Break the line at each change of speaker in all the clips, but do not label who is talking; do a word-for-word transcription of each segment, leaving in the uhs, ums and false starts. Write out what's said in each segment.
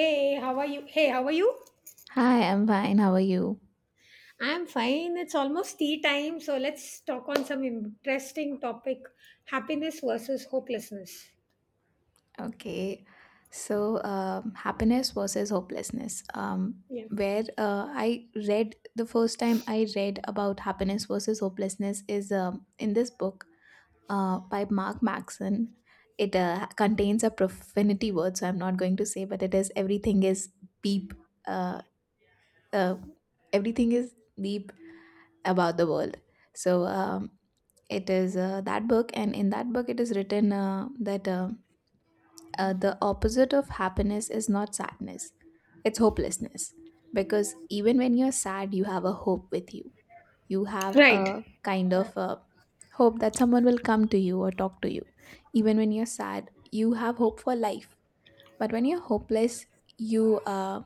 Hey, how are you? Hey, how are you?
Hi, I'm fine. How are you?
I'm fine. It's almost tea time, so let's talk on some interesting topic, happiness versus hopelessness.
Okay. So, um, happiness versus hopelessness. Um,
Yeah.
where uh, I read the first time I read about happiness versus hopelessness is um, in this book uh, by Mark Maxon. It uh, contains a profanity word, so I'm not going to say, but it is everything is beep. Uh, uh, Everything is beep about the world. So um, it is uh, that book, and in that book, it is written uh, that. Uh, uh, the opposite of happiness is not sadness, it's hopelessness. Because even when you're sad, you have a hope with you. You have
Right.
a kind of a hope that someone will come to you or talk to you. Even when you're sad, you have hope for life. But when you're hopeless, you uh,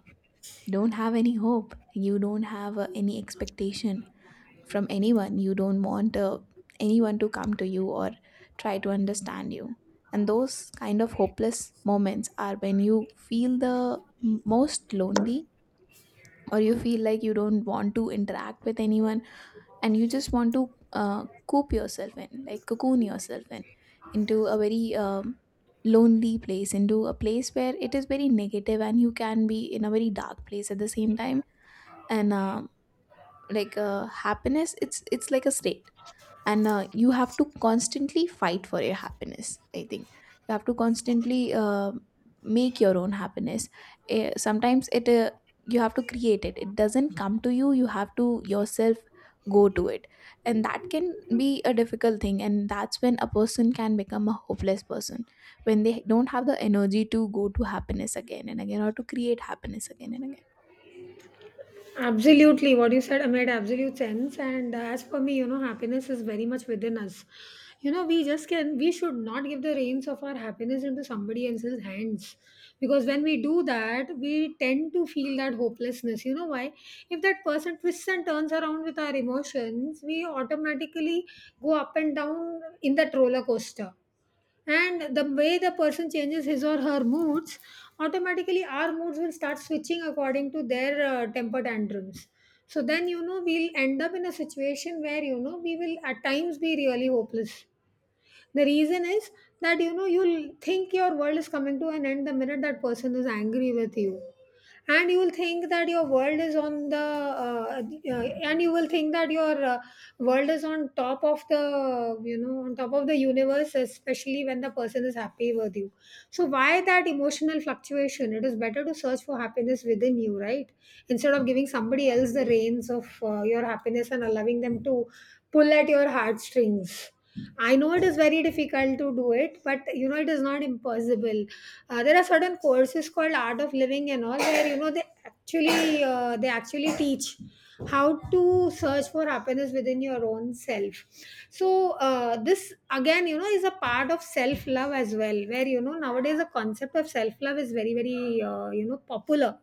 don't have any hope. You don't have uh, any expectation from anyone. You don't want uh, anyone to come to you or try to understand you. And those kind of hopeless moments are when you feel the m- most lonely or you feel like you don't want to interact with anyone and you just want to uh, coop yourself in, like cocoon yourself in, into a very um, lonely place, into a place where it is very negative and you can be in a very dark place at the same time. And um, like uh, happiness, it's it's like a state, and uh, you have to constantly fight for your happiness. I think you have to constantly uh, make your own happiness. Eh, sometimes it uh, you have to create it. It doesn't come to you. You have to yourself go to it, and that can be a difficult thing. And that's when a person can become a hopeless person, when they don't have the energy to go to happiness again and again or to create happiness again and again.
Absolutely. What you said made absolute sense. And uh, as for me, you know, happiness is very much within us. You know, we just can, we should not give the reins of our happiness into somebody else's hands. Because when we do that, we tend to feel that hopelessness. You know why? If that person twists and turns around with our emotions, we automatically go up and down in that roller coaster, and the way the person changes his or her moods, automatically our moods will start switching according to their uh, temper tantrums. So then, you know, we'll end up in a situation where, you know, we will at times be really hopeless. The reason is that, you know, you'll think your world is coming to an end the minute that person is angry with you, and you will think that your world is on the uh, uh, and you will think that your uh, world is on top of the, you know, on top of the universe, especially when the person is happy with you. So why that emotional fluctuation? It is better to search for happiness within you, right, instead of giving somebody else the reins of uh, your happiness and allowing them to pull at your heartstrings. I know it is very difficult to do it, but you know, it is not impossible. Uh, there are certain courses called Art of Living and all where you know they actually uh, they actually teach how to search for happiness within your own self. So uh, this again, you know, is a part of self love as well, where you know nowadays the concept of self love is very very uh, you know popular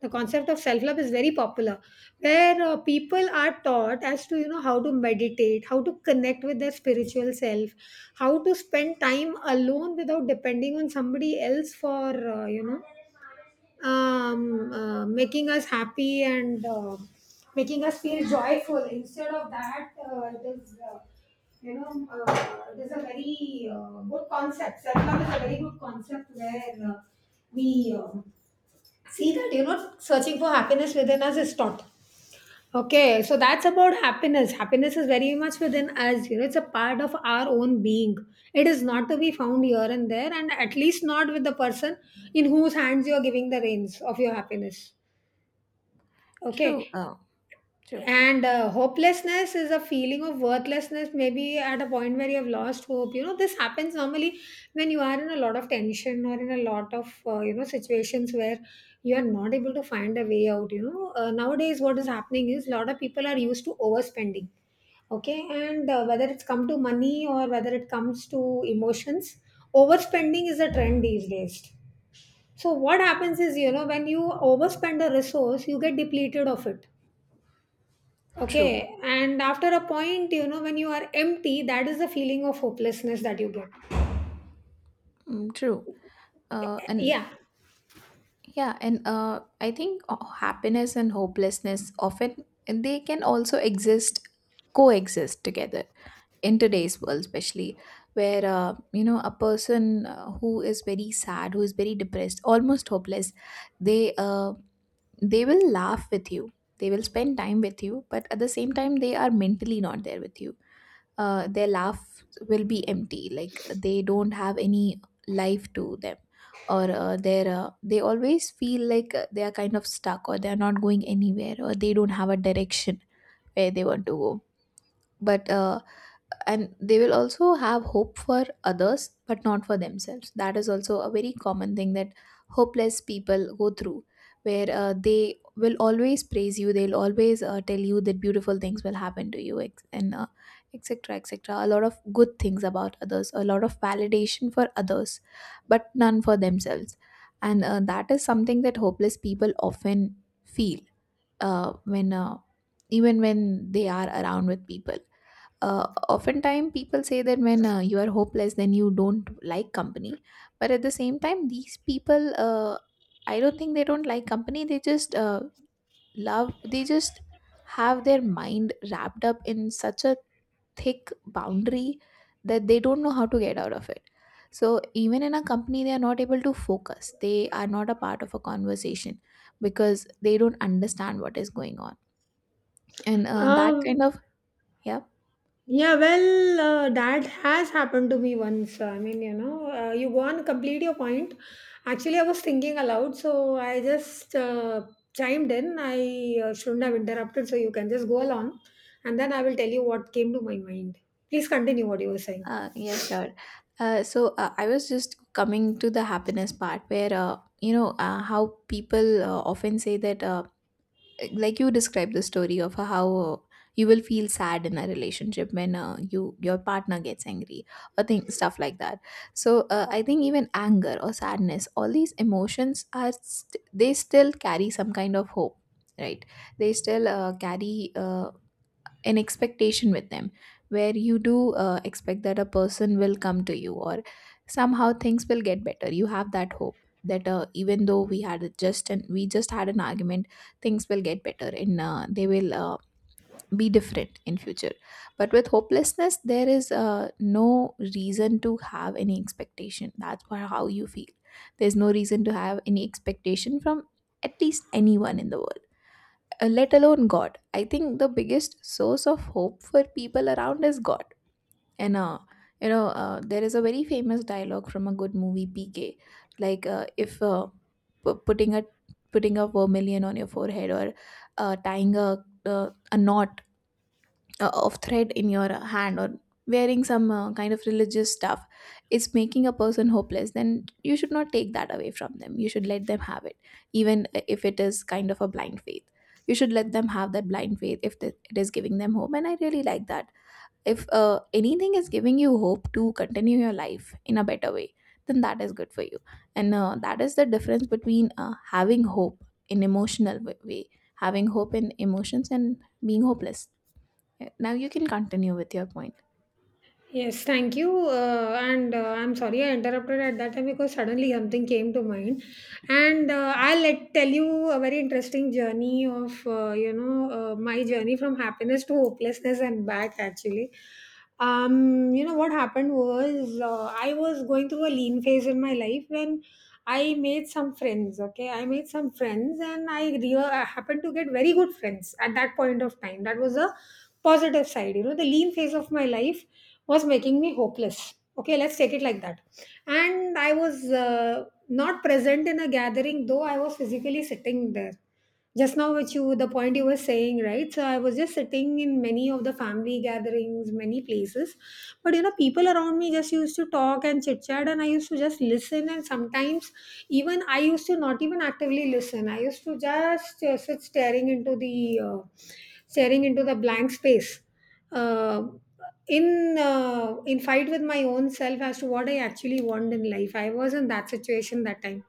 the concept of self love is very popular, where uh, people are taught as to, you know, how to meditate, how to connect with their spiritual self, how to spend time alone without depending on somebody else for uh, you know um, uh, making us happy and uh, making us feel joyful. Instead of that, uh, it is uh, you know uh, it is a very uh, good concept. Self love is a very good concept where uh, we um see that, you know, searching for happiness within us is taught. Okay, so that's about happiness. Happiness is very much within us, you know, it's a part of our own being. It is not to be found here and there, and at least not with the person in whose hands you are giving the reins of your happiness. Okay, and uh, hopelessness is a feeling of worthlessness, maybe at a point where you have lost hope. You know, this happens normally when you are in a lot of tension or in a lot of uh, you know situations where you are not able to find a way out. You know, uh, nowadays what is happening is a lot of people are used to overspending. Okay, and uh, whether it's come to money or whether it comes to emotions, overspending is a trend these days. So what happens is, you know, when you overspend a resource, you get depleted of it.
True.
Okay. And after a point, you know, when you are empty, that is the feeling of hopelessness that you get.
Mm, true. Uh, and
Yeah.
yeah, and uh, I think uh, happiness and hopelessness often they can also exist, coexist together in today's world, especially where uh, you know a person uh, who is very sad, who is very depressed, almost hopeless, they uh, they will laugh with you, they will spend time with you, but at the same time they are mentally not there with you. Uh, their laugh will be empty, like they don't have any life to them, or uh, they're uh, they always feel like uh, they are kind of stuck or they are not going anywhere or they don't have a direction where they want to go. But uh, and they will also have hope for others but not for themselves. That is also a very common thing that hopeless people go through, where uh, they will always praise you, they'll always uh, tell you that beautiful things will happen to you, ex- and uh, etc etc, a lot of good things about others, a lot of validation for others, but none for themselves. And uh, that is something that hopeless people often feel uh, when uh, even when they are around with people. Uh, oftentimes people say that when uh, you are hopeless then you don't like company, but at the same time these people uh, I don't think they don't like company, they just uh, love they just have their mind wrapped up in such a thick boundary that they don't know how to get out of it. So even in a company they are not able to focus, they are not a part of a conversation, because they don't understand what is going on. And uh, that
Um,
kind of yeah
yeah, well, uh, that has happened to me once. I mean, you know, uh, you go on, complete your point. Actually, I was thinking aloud, so I just uh, chimed in. I uh, shouldn't have interrupted, so you can just go along, and then I will tell you what came to my mind. Please continue what you were saying.
Uh, yeah, sure. Uh, so uh, I was just coming to the happiness part where, uh, you know, uh, how people uh, often say that, uh, like you described the story of how uh, you will feel sad in a relationship when uh, you your partner gets angry or think stuff like that. So uh, I think even anger or sadness, all these emotions are st- they still carry some kind of hope, right? They still uh, carry uh, an expectation with them, where you do uh, expect that a person will come to you or somehow things will get better. You have that hope that uh, even though we had a just and we just had an argument, things will get better and uh, they will uh, be different in future. But with hopelessness there is uh, no reason to have any expectation, that's wha- how you feel. There's no reason to have any expectation from at least anyone in the world, uh, let alone God. I think the biggest source of hope for people around is God. And uh, you know, uh, there is a very famous dialogue from a good movie, P K. Like uh, if uh, pu- putting a putting a vermilion on your forehead or uh, tying a uh, a knot uh, of thread in your hand or wearing some uh, kind of religious stuff is making a person hopeless, then you should not take that away from them. You should let them have it, even if it is kind of a blind faith. You should let them have that blind faith, if the- it is giving them hope, and I really like that. If uh, anything is giving you hope to continue your life in a better way, then that is good for you. And uh, that is the difference between uh, having hope in emotional w- way having hope in emotions and being hopeless. Yeah, now you can continue with your point.
Yes, thank you. Uh, and uh, I'm sorry I interrupted at that time because suddenly something came to mind. And uh, I'll let, tell you a very interesting journey of, uh, you know, uh, my journey from happiness to hopelessness and back actually. Um, you know, what happened was, uh, I was going through a lean phase in my life when I made some friends. Okay, I made some friends and I re- I happened to get very good friends at that point of time. That was a positive side. You know, the lean phase of my life was making me hopeless. Okay, let's take it like that. And I was uh, not present in a gathering, though I was physically sitting there. Just now, which you, the point you were saying, right? So I was just sitting in many of the family gatherings, many places. But you know, people around me just used to talk and chit chat, and I used to just listen. And sometimes, even I used to not even actively listen. I used to just uh, sit staring into the uh, staring into the blank space uh, in uh, in fight with my own self as to what I actually want in life. I was in that situation that time.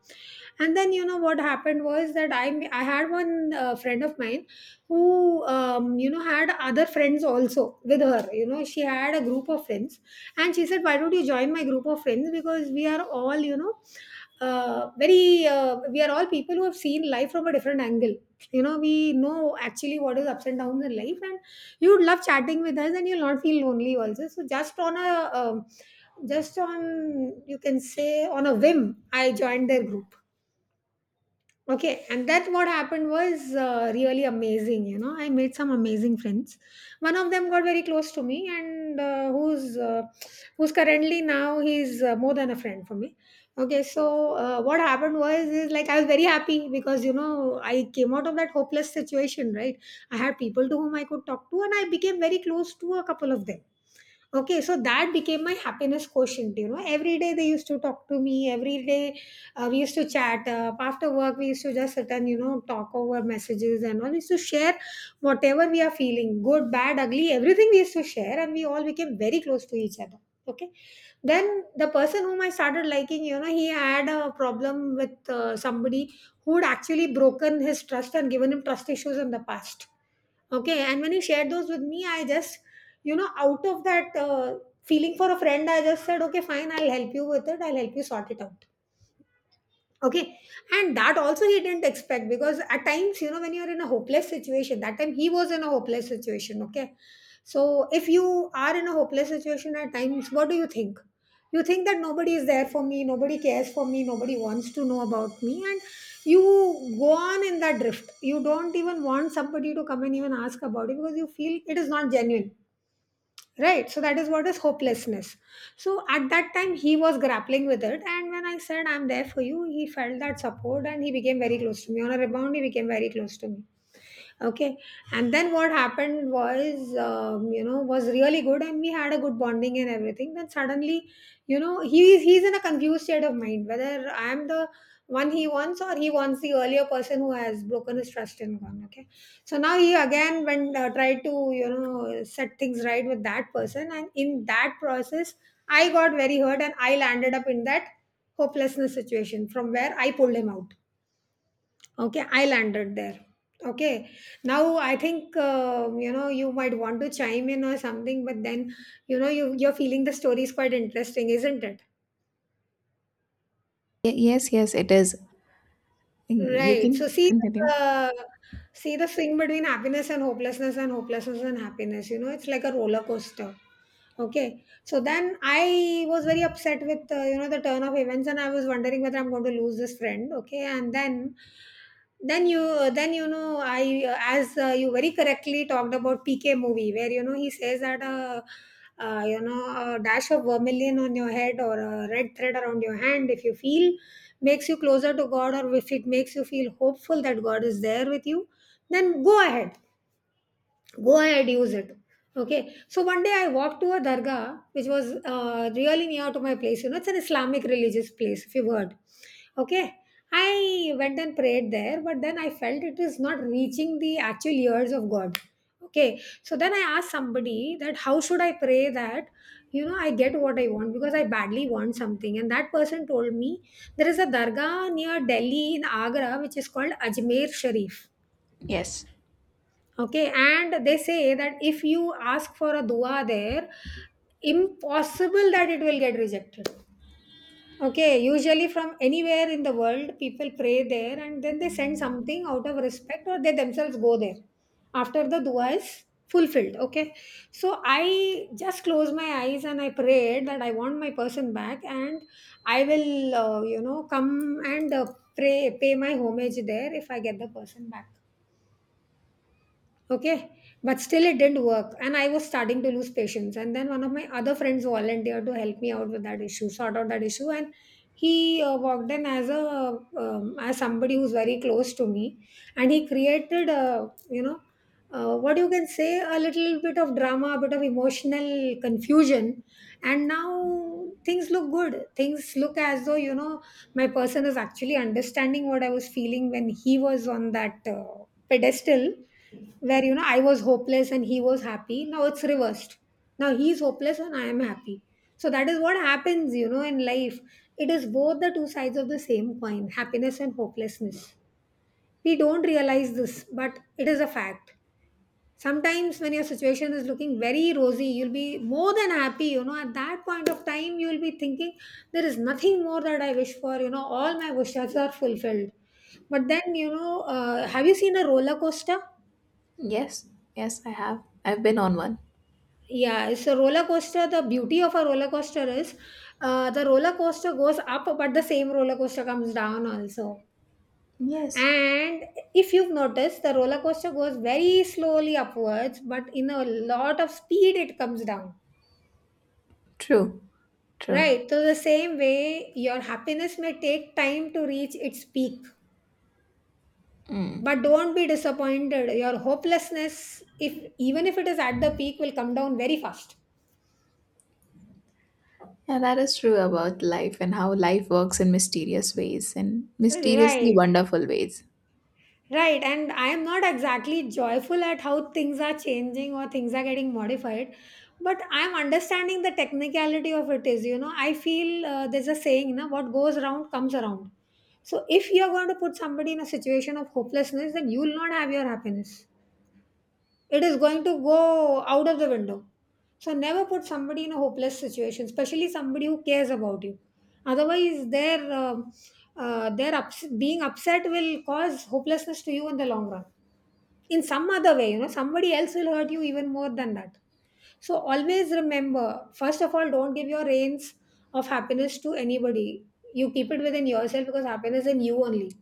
And then you know what happened was that i i had one uh, friend of mine who um, you know had other friends also with her. You know, she had a group of friends, and she said, why don't you join my group of friends, because we are all, you know, uh, very uh, we are all people who have seen life from a different angle. You know, we know actually what is ups and downs in life, and you would love chatting with us, and you'll not feel lonely also. So just on a um, just on you can say on a whim, I joined their group. Okay, and that what happened was uh, really amazing. You know, I made some amazing friends. One of them got very close to me, and uh, who's uh, who's currently now, he's uh, more than a friend for me. Okay, so uh, what happened was is like I was very happy because, you know, I came out of that hopeless situation, right? I had people to whom I could talk to, and I became very close to a couple of them. Okay, so that became my happiness quotient. You know, every day they used to talk to me. Every day uh, we used to chat. Uh, after work, we used to just sit and, you know, talk over messages and all. We used to share whatever we are feeling, good, bad, ugly, everything we used to share, and we all became very close to each other. Okay, then the person whom I started liking, you know, he had a problem with uh, somebody who'd actually broken his trust and given him trust issues in the past. Okay, and when he shared those with me, I just, you know, out of that uh, feeling for a friend, I just said, okay, fine, I'll help you with it. I'll help you sort it out. Okay, and that also he didn't expect, because at times, you know, when you're in a hopeless situation, that time he was in a hopeless situation. Okay, so if you are in a hopeless situation at times, what do you think? You think that nobody is there for me, nobody cares for me, nobody wants to know about me, and you go on in that drift. You don't even want somebody to come and even ask about it, because you feel it is not genuine, right? So that is what is hopelessness. So at that time he was grappling with it, and when I said I'm there for you, he felt that support and he became very close to me. On a rebound, he became very close to me. Okay, and then what happened was, um, you know, was really good, and we had a good bonding and everything. Then suddenly, you know, he's he's in a confused state of mind whether I am the one he wants or he wants the earlier person who has broken his trust and gone. Okay, so now he again went, uh, tried to, you know, set things right with that person, and in that process I got very hurt and I landed up in that hopelessness situation from where I pulled him out. Okay, I landed there. Okay. Now I think, uh, you know, you might want to chime in or something, but then you know you you're feeling the story is quite interesting, isn't it?
Y- yes, yes, it is. You
Right. So
can
see
continue.
the see the swing between happiness and hopelessness, and hopelessness and happiness. You know, it's like a roller coaster. Okay. So then I was very upset with uh, you know the turn of events, and I was wondering whether I'm going to lose this friend. Okay, and then, then you then you know, I, as uh, you very correctly talked about, PK movie, where, you know, he says that, uh, uh, you know, a dash of vermilion on your head or a red thread around your hand, if you feel makes you closer to God, or if it makes you feel hopeful that God is there with you, then go ahead, go ahead, use it. Okay, so one day I walked to a dargah which was uh, really near to my place. You know, it's an Islamic religious place, if you've heard. Okay. I went and prayed there, but then I felt it is not reaching the actual ears of God. Okay, so then I asked somebody that how should I pray that, you know, I get what I want, because I badly want something. And that person told me there is a dargah near Delhi, in Agra, which is called Ajmer Sharif.
Yes.
Okay, and they say that if you ask for a dua there, impossible that it will get rejected. Okay, usually from anywhere in the world people pray there, and then they send something out of respect, or they themselves go there after the dua is fulfilled. Okay. So I just closed my eyes and I prayed that I want my person back, and I will, uh, you know, come and uh, pray pay my homage there if I get the person back. Okay. But still it didn't work, and I was starting to lose patience. And then one of my other friends volunteered to help me out with that issue, sort out that issue. And he uh, walked in as a um, as somebody who's very close to me, and he created, a you know, uh, what you can say, a little bit of drama, a bit of emotional confusion. And now things look good, things look as though, you know, my person is actually understanding what I was feeling when he was on that uh, pedestal, where, you know, I was hopeless and he was happy. Now it's reversed. Now he's hopeless and I am happy. So that is what happens, you know, in life. It is both the two sides of the same coin, happiness and hopelessness. We don't realize this, but it is a fact. Sometimes when your situation is looking very rosy, you'll be more than happy, you know, at that point of time you'll be thinking there is nothing more that I wish for, you know, all my wishes are fulfilled. But then, you know, uh, have you seen a roller coaster?
Yes. Yes, I have. I've been on one.
Yeah, it's a roller coaster. The beauty of a roller coaster is, uh, the roller coaster goes up, but the same roller coaster comes down also.
Yes.
And if you've noticed, the roller coaster goes very slowly upwards, but in a lot of speed it comes down.
True. True.
Right. So, the same way, your happiness may take time to reach its peak, but don't be disappointed. Your hopelessness, if even if it is at the peak, will come down very fast.
Yeah, that is true about life and how life works in mysterious ways and mysteriously
Right,
wonderful ways.
right. And I am not exactly joyful at how things are changing or things are getting modified, but I'm understanding the technicality of it is, you know, I feel, uh, there's a saying, na, what goes around comes around. So if you're going to put somebody in a situation of hopelessness, then you'll not have your happiness. It is going to go out of the window. So never put somebody in a hopeless situation, especially somebody who cares about you. Otherwise, their um uh, their ups- being upset will cause hopelessness to you in the long run, in some other way. You know, somebody else will hurt you even more than that. So always remember, first of all, don't give your reins of happiness to anybody. You keep it within yourself, because happiness is in you only.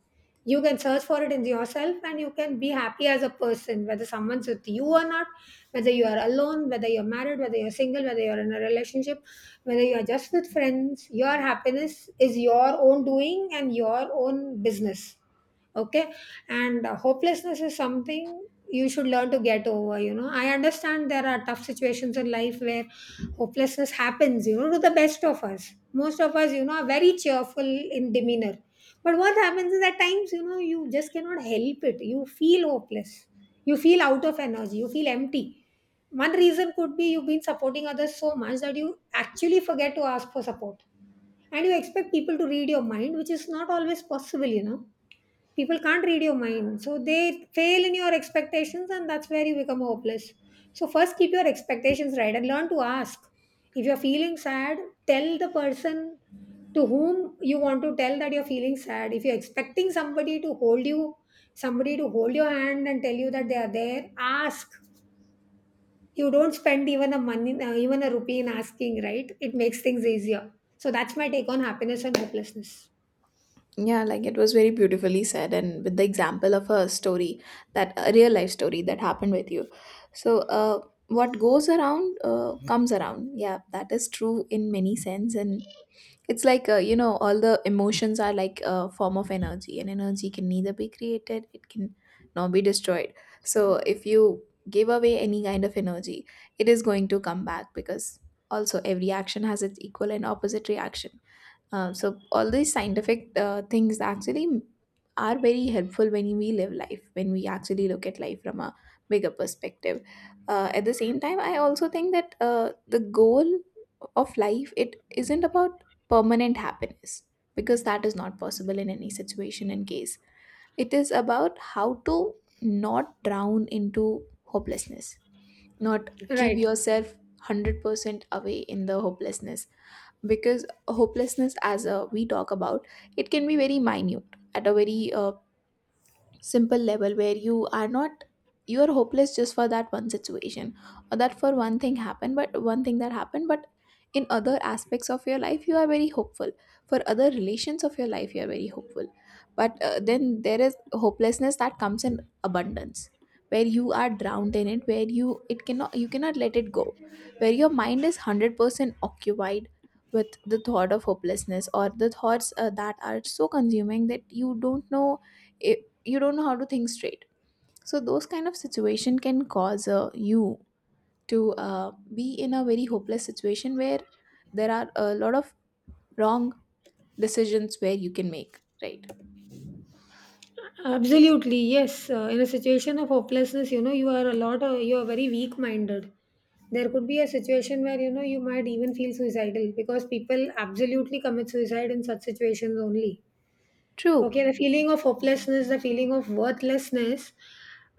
You can search for it in yourself, and you can be happy as a person, whether someone's with you or not, whether you are alone, whether you're married, whether you're single, whether you're in a relationship, whether you're just with friends. Your happiness is your own doing and your own business. Okay. And uh, hopelessness is something you should learn to get over. You know, I understand there are tough situations in life where hopelessness happens, you know, to the best of us. Most of us, you know, are very cheerful in demeanor. But what happens is, at times, you know, you just cannot help it. You feel hopeless, you feel out of energy, you feel empty. One reason could be you've been supporting others so much that you actually forget to ask for support. And you expect people to read your mind, which is not always possible, you know. People can't read your mind. So they fail in your expectations, and that's where you become hopeless. So, first, keep your expectations right and learn to ask. If you're feeling sad, tell the person to whom you want to tell that you're feeling sad. If you're expecting somebody to hold you, somebody to hold your hand and tell you that they are there, ask. You don't spend even a money, uh, even a rupee in asking, right? It makes things easier. So that's my take on happiness and hopelessness.
Yeah, like it was very beautifully said, and with the example of a story that a real life story that happened with you. So, uh, what goes around uh, comes around. Yeah, that is true in many sense, and it's like uh, you know all the emotions are like a form of energy, and energy can neither be created, it can nor be destroyed. So if you give away any kind of energy, it is going to come back, because also every action has its equal and opposite reaction. Uh, so all these scientific uh, things actually are very helpful when we live life, when we actually look at life from a bigger perspective. Uh, at the same time, I also think that uh, the goal of life, it isn't about permanent happiness, because that is not possible in any situation and case. It is about how to not drown into hopelessness, not give
Right.
yourself one hundred percent away in the hopelessness, because hopelessness, as uh, we talk about, it can be very minute at a very uh, simple level where you are not, you are hopeless just for that one situation or that for one thing happened but one thing that happened, but in other aspects of your life you are very hopeful, for other relations of your life you are very hopeful. But uh, then there is hopelessness that comes in abundance, where you are drowned in it, where you it cannot you cannot let it go, where your mind is one hundred percent occupied with the thought of hopelessness, or the thoughts uh, that are so consuming that you don't know it, you don't know how to think straight. So those kind of situation can cause uh, you to uh, be in a very hopeless situation where there are a lot of wrong decisions where you can make right.
Absolutely, yes. Uh, in a situation of hopelessness, you know, you are a lot, uh, you are very weak minded. There could be a situation where, you know, you might even feel suicidal, because people absolutely commit suicide in such situations only.
True.
Okay, the feeling of hopelessness, the feeling of worthlessness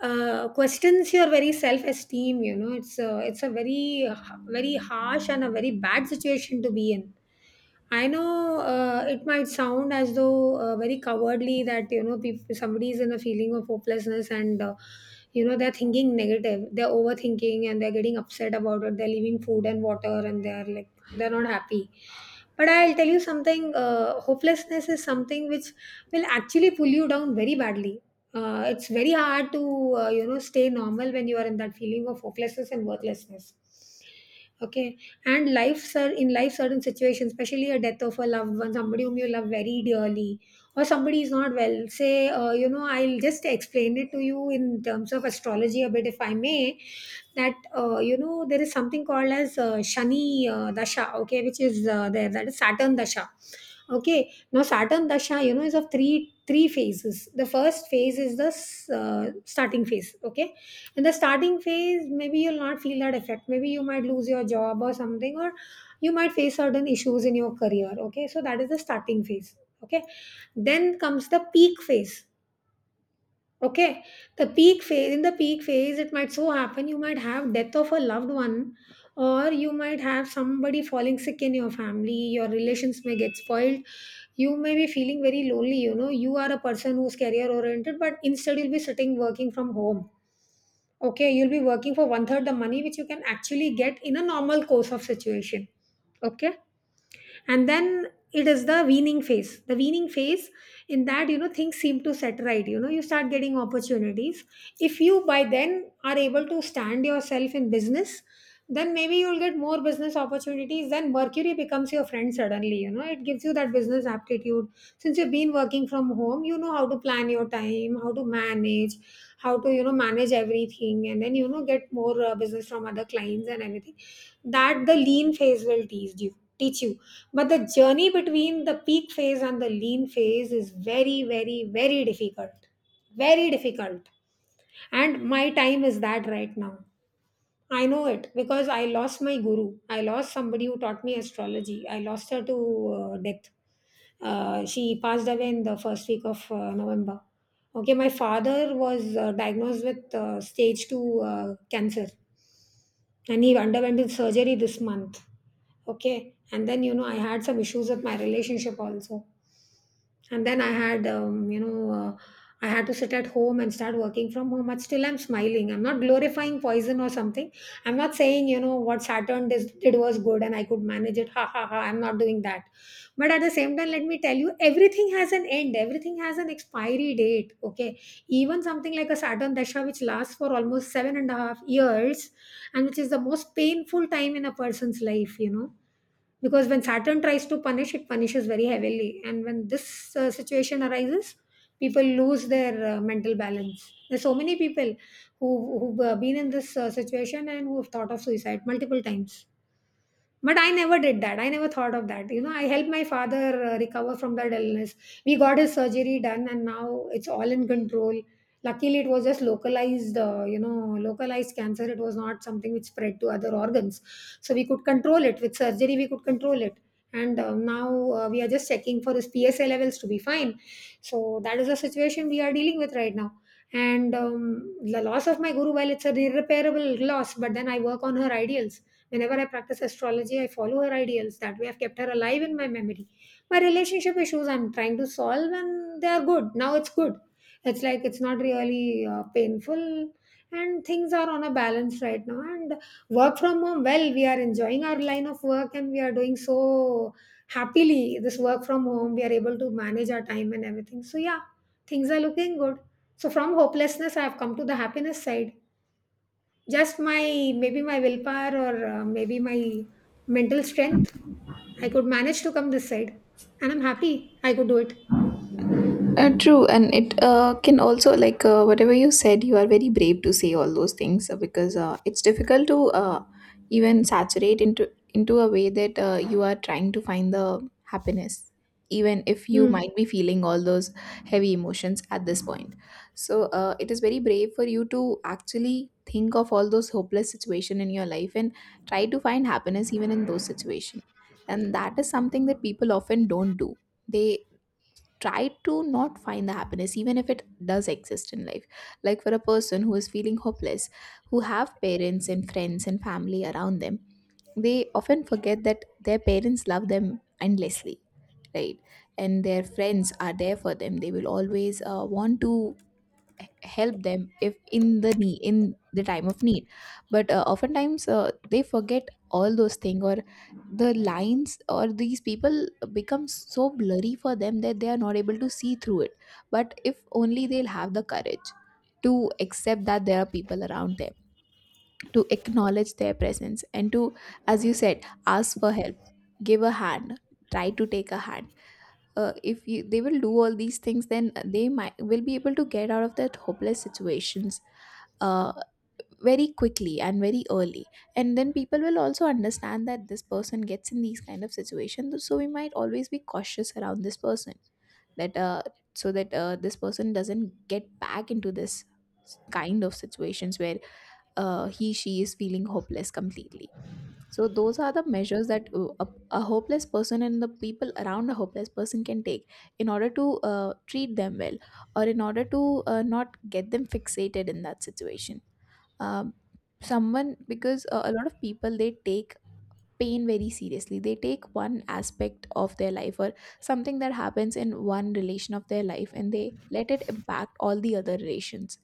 uh, questions your very self esteem. You know, it's a, it's a very, uh, very harsh and a very bad situation to be in. I know, uh, it might sound as though uh, very cowardly, that, you know, peop somebody is in a feeling of hopelessness, and uh, you know, they're thinking negative, they're overthinking, and they're getting upset about it. They're leaving food and water, and they're like, they're not happy. But I'll tell you something. Uh, hopelessness is something which will actually pull you down very badly. Uh, it's very hard to uh, you know, stay normal when you are in that feeling of hopelessness and worthlessness. Okay. And life sir, in life certain situations, especially a death of a loved one, somebody whom you love very dearly, or somebody is not well. Say, uh, you know, I'll just explain it to you in terms of astrology a bit, if I may. That, uh, you know, there is something called as uh, Shani uh, Dasha. Okay, which is uh, there, that is Saturn Dasha. Okay, now Saturn Dasha, you know, is of three three phases. The first phase is the uh, starting phase. Okay, in the starting phase, maybe you'll not feel that effect. Maybe you might lose your job or something, or you might face certain issues in your career. Okay, so that is the starting phase. Okay, then comes the peak phase. Okay, the peak phase. In the peak phase, it might so happen you might have death of a loved one, or you might have somebody falling sick in your family. Your relations may get spoiled. You may be feeling very lonely, you know. You are a person who's career oriented, but instead you'll be sitting working from home. Okay, you'll be working for one third the money which you can actually get in a normal course of situation. Okay. And then it is the weaning phase, the weaning phase. In that, you know, things seem to set right. You know, you start getting opportunities. If you by then are able to stand yourself in business, then maybe you'll get more business opportunities. Then Mercury becomes your friend suddenly. You know, it gives you that business aptitude. Since you've been working from home, you know how to plan your time, how to manage, how to, you know, manage everything. And then, you know, get more uh, business from other clients and everything. That the lean phase will teach you, teach you. But the journey between the peak phase and the lean phase is very very very difficult. Very difficult. And my time is that right now. I know it because I lost my guru, I lost somebody who taught me astrology. I lost her to uh, death. Uh, she passed away in the first week of uh, November. Okay, my father was uh, diagnosed with uh, stage two uh, cancer, and he underwent his surgery this month. Okay. And then, you know, I had some issues with my relationship also. And then I had, um, you know, uh, I had to sit at home and start working from home. But still I'm smiling, I'm not glorifying poison or something. I'm not saying, you know, what Saturn dis- did was good and I could manage it, ha ha ha. I'm not doing that. But at the same time, let me tell you, everything has an end, everything has an expiry date. Okay. Even something like a Saturn Dasha, which lasts for almost seven and a half years, and which is the most painful time in a person's life, you know, because when Saturn tries to punish, it punishes very heavily. And when this uh, situation arises, people lose their uh, mental balance. There's so many people who who've uh, been in this uh, situation and who have thought of suicide multiple times. But I never did that. I never thought of that. You know, I helped my father uh, recover from that illness. We got his surgery done and now it's all in control. Luckily, it was just localized, uh, you know, localized cancer. It was not something which spread to other organs. So we could control it. With surgery, we could control it. And uh, now uh, we are just checking for his P S A levels to be fine. So that is the situation we are dealing with right now. And um, The loss of my guru, well, it's an irreparable loss, but then I work on her ideals. Whenever I practice astrology, I follow her ideals. That way, I've kept her alive in my memory. My relationship issues I'm trying to solve, and they are good. Now it's good. It's like it's not really uh, painful, and things are on a balance right now. And work from home, well, we are enjoying our line of work and we are doing so happily. This work from home, we are able to manage our time and everything. So, yeah, things are looking good. So, from hopelessness, I have come to the happiness side. Just my, maybe my willpower, or uh, maybe my mental strength. I could manage to come this side, and I'm happy I could do it.
Uh, true, and it uh, can also, like uh, whatever you said, you are very brave to say all those things, uh, because uh, it's difficult to uh, even saturate into into a way that uh, you are trying to find the happiness, even if you
Hmm.
might be feeling all those heavy emotions at this point. So uh, it is very brave for you to actually think of all those hopeless situation in your life and try to find happiness even in those situation, and that is something that people often don't do. They try to not find the happiness even if it does exist in life, like for a person who is feeling hopeless who have parents and friends and family around them. They often forget that their parents love them endlessly, right, and their friends are there for them. They will always uh, want to h- help them if in the need, in the time of need. But uh, oftentimes uh, they forget all those things, or the lines or these people become so blurry for them that they are not able to see through it. But if only they'll have the courage to accept that there are people around them, to acknowledge their presence, and to, as you said, ask for help, give a hand, try to take a hand. Uh, if you, they will do all these things, then they might will be able to get out of that hopeless situations uh, very quickly and very early. And then people will also understand that this person gets in these kind of situations, so we might always be cautious around this person, that uh, so that uh, this person doesn't get back into this kind of situations where uh, he she is feeling hopeless completely. So those are the measures that uh, a, a hopeless person and the people around a hopeless person can take in order to uh, treat them well, or in order to uh, not get them fixated in that situation. Um, someone because uh, a lot of people, they take pain very seriously. They take one aspect of their life, or something that happens in one relation of their life, and they let it impact all the other relations.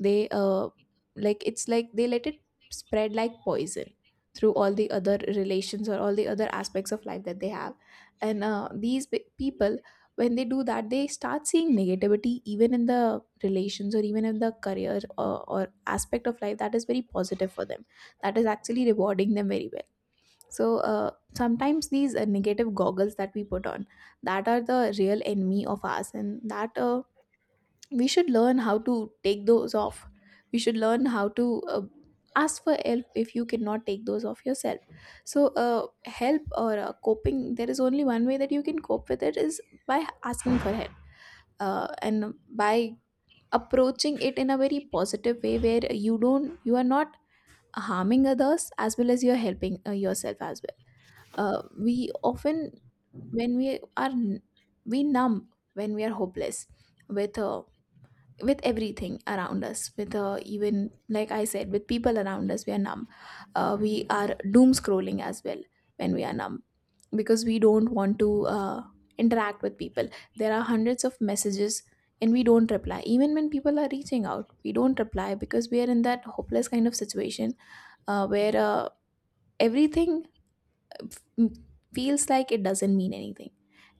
They uh like, it's like they let it spread like poison through all the other relations or all the other aspects of life that they have. And uh, these pe- people, when they do that, they start seeing negativity even in the relations, or even in the career, or, or aspect of life that is very positive for them, that is actually rewarding them very well. So uh, sometimes these uh, negative goggles that we put on, that are the real enemy of us, and that uh, we should learn how to take those off. We should learn how to uh, ask for help if you cannot take those off yourself. So uh, help or uh, coping, there is only one way that you can cope with it, is by asking for help, uh, and by approaching it in a very positive way where you don't you are not harming others, as well as you're helping uh, yourself as well. Uh, we often, when we are n- we numb when we are hopeless, with uh, with everything around us, with uh, even, like I said, with people around us, we are numb. Uh, we are doom scrolling as well when we are numb, because we don't want to uh, interact with people. There are hundreds of messages, and we don't reply even when people are reaching out. We don't reply because we are in that hopeless kind of situation, uh, where uh, everything f- feels like it doesn't mean anything.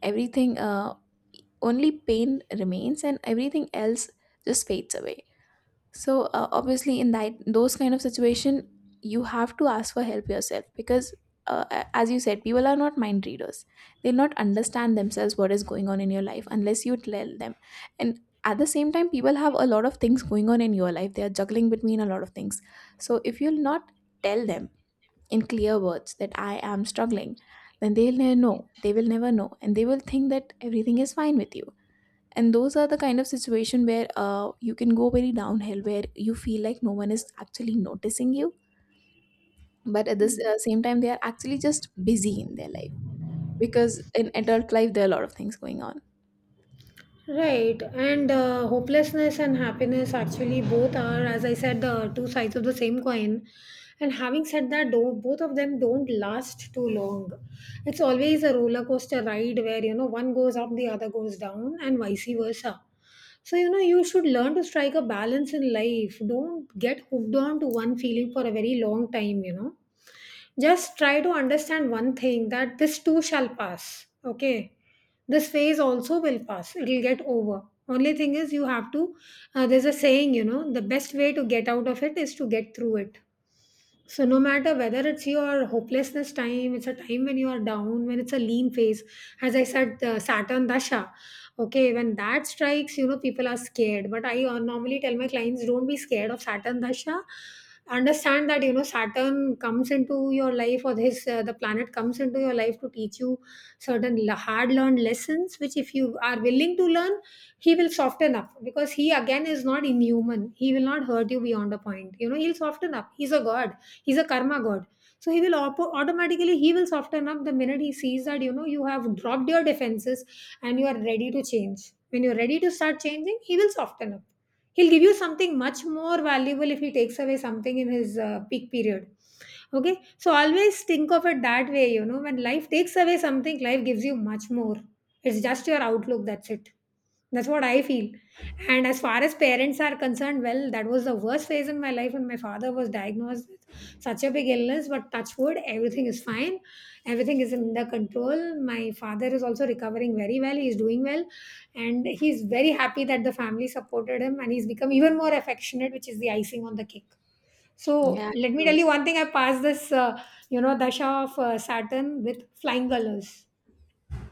Everything, uh, only pain remains, and everything else just fades away. So uh, obviously, in that those kind of situation, you have to ask for help yourself because, uh, a- as you said, people are not mind readers. They'll not understand themselves what is going on in your life unless you tell them. And at the same time, people have a lot of things going on in your life. They are juggling between a lot of things. So if you'll not tell them in clear words that I am struggling, then they'll never know. They will never know, and they will think that everything is fine with you. And those are the kind of situation where uh, you can go very downhill, where you feel like no one is actually noticing you, but at this uh, same time, they are actually just busy in their life, because in adult life there are a lot of things going on.
Right, and uh, hopelessness and happiness actually both are, as I said, the two sides of the same coin. And having said that, though, both of them don't last too long. It's always a roller coaster ride where, you know, one goes up, the other goes down, and vice versa. So, you know, you should learn to strike a balance in life. Don't get hooked on to one feeling for a very long time. You know, just try to understand one thing, that this too shall pass. Okay. This phase also will pass. It'll get over. Only thing is, you have to, uh, there's a saying, you know, the best way to get out of it is to get through it. So, no matter whether it's your hopelessness time, it's a time when you are down, when it's a lean phase, as I said, uh, Saturn Dasha. Okay, when that strikes, you know, people are scared. But I uh, normally tell my clients, don't be scared of Saturn Dasha. Understand that, you know, Saturn comes into your life, or his, uh, the planet comes into your life to teach you certain hard learned lessons. Which, if you are willing to learn, he will soften up, because he again is not inhuman. He will not hurt you beyond a point. You know, he'll soften up. He's a god. He's a karma god. So he will op- automatically he will soften up the minute he sees that, you know, you have dropped your defenses and you are ready to change. When you're ready to start changing, he will soften up. He'll give you something much more valuable if he takes away something in his uh, peak period. Okay, so always think of it that way. You know, when life takes away something, life gives you much more. It's just your outlook, that's it. That's what I feel. And as far as parents are concerned, well, that was the worst phase in my life when my father was diagnosed with such a big illness. But touch wood, everything is fine. Everything is under control. My father is also recovering very well. He is doing well. And he's very happy that the family supported him, and he's become even more affectionate, which is the icing on the cake. So
Yeah,
let me tell
true.
you one thing. I passed this, uh, you know, dasha of uh, Saturn with flying colors.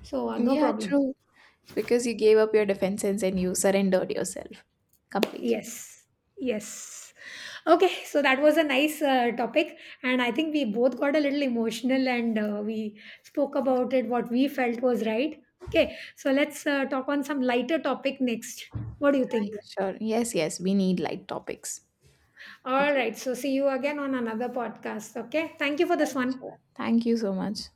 So uh, no
Yeah,
problem.
true. It's because you gave up your defenses and you surrendered yourself completely.
Yes, yes. Okay, so that was a nice uh, topic, and I think we both got a little emotional, and uh, we spoke about it. What we felt was right. Okay, so let's uh, talk on some lighter topic next. What do you think?
Yeah, sure. Yes, yes. We need light topics.
All
Okay.
right. So see you again on another podcast. Okay. Thank you for this one.
Thank you so much.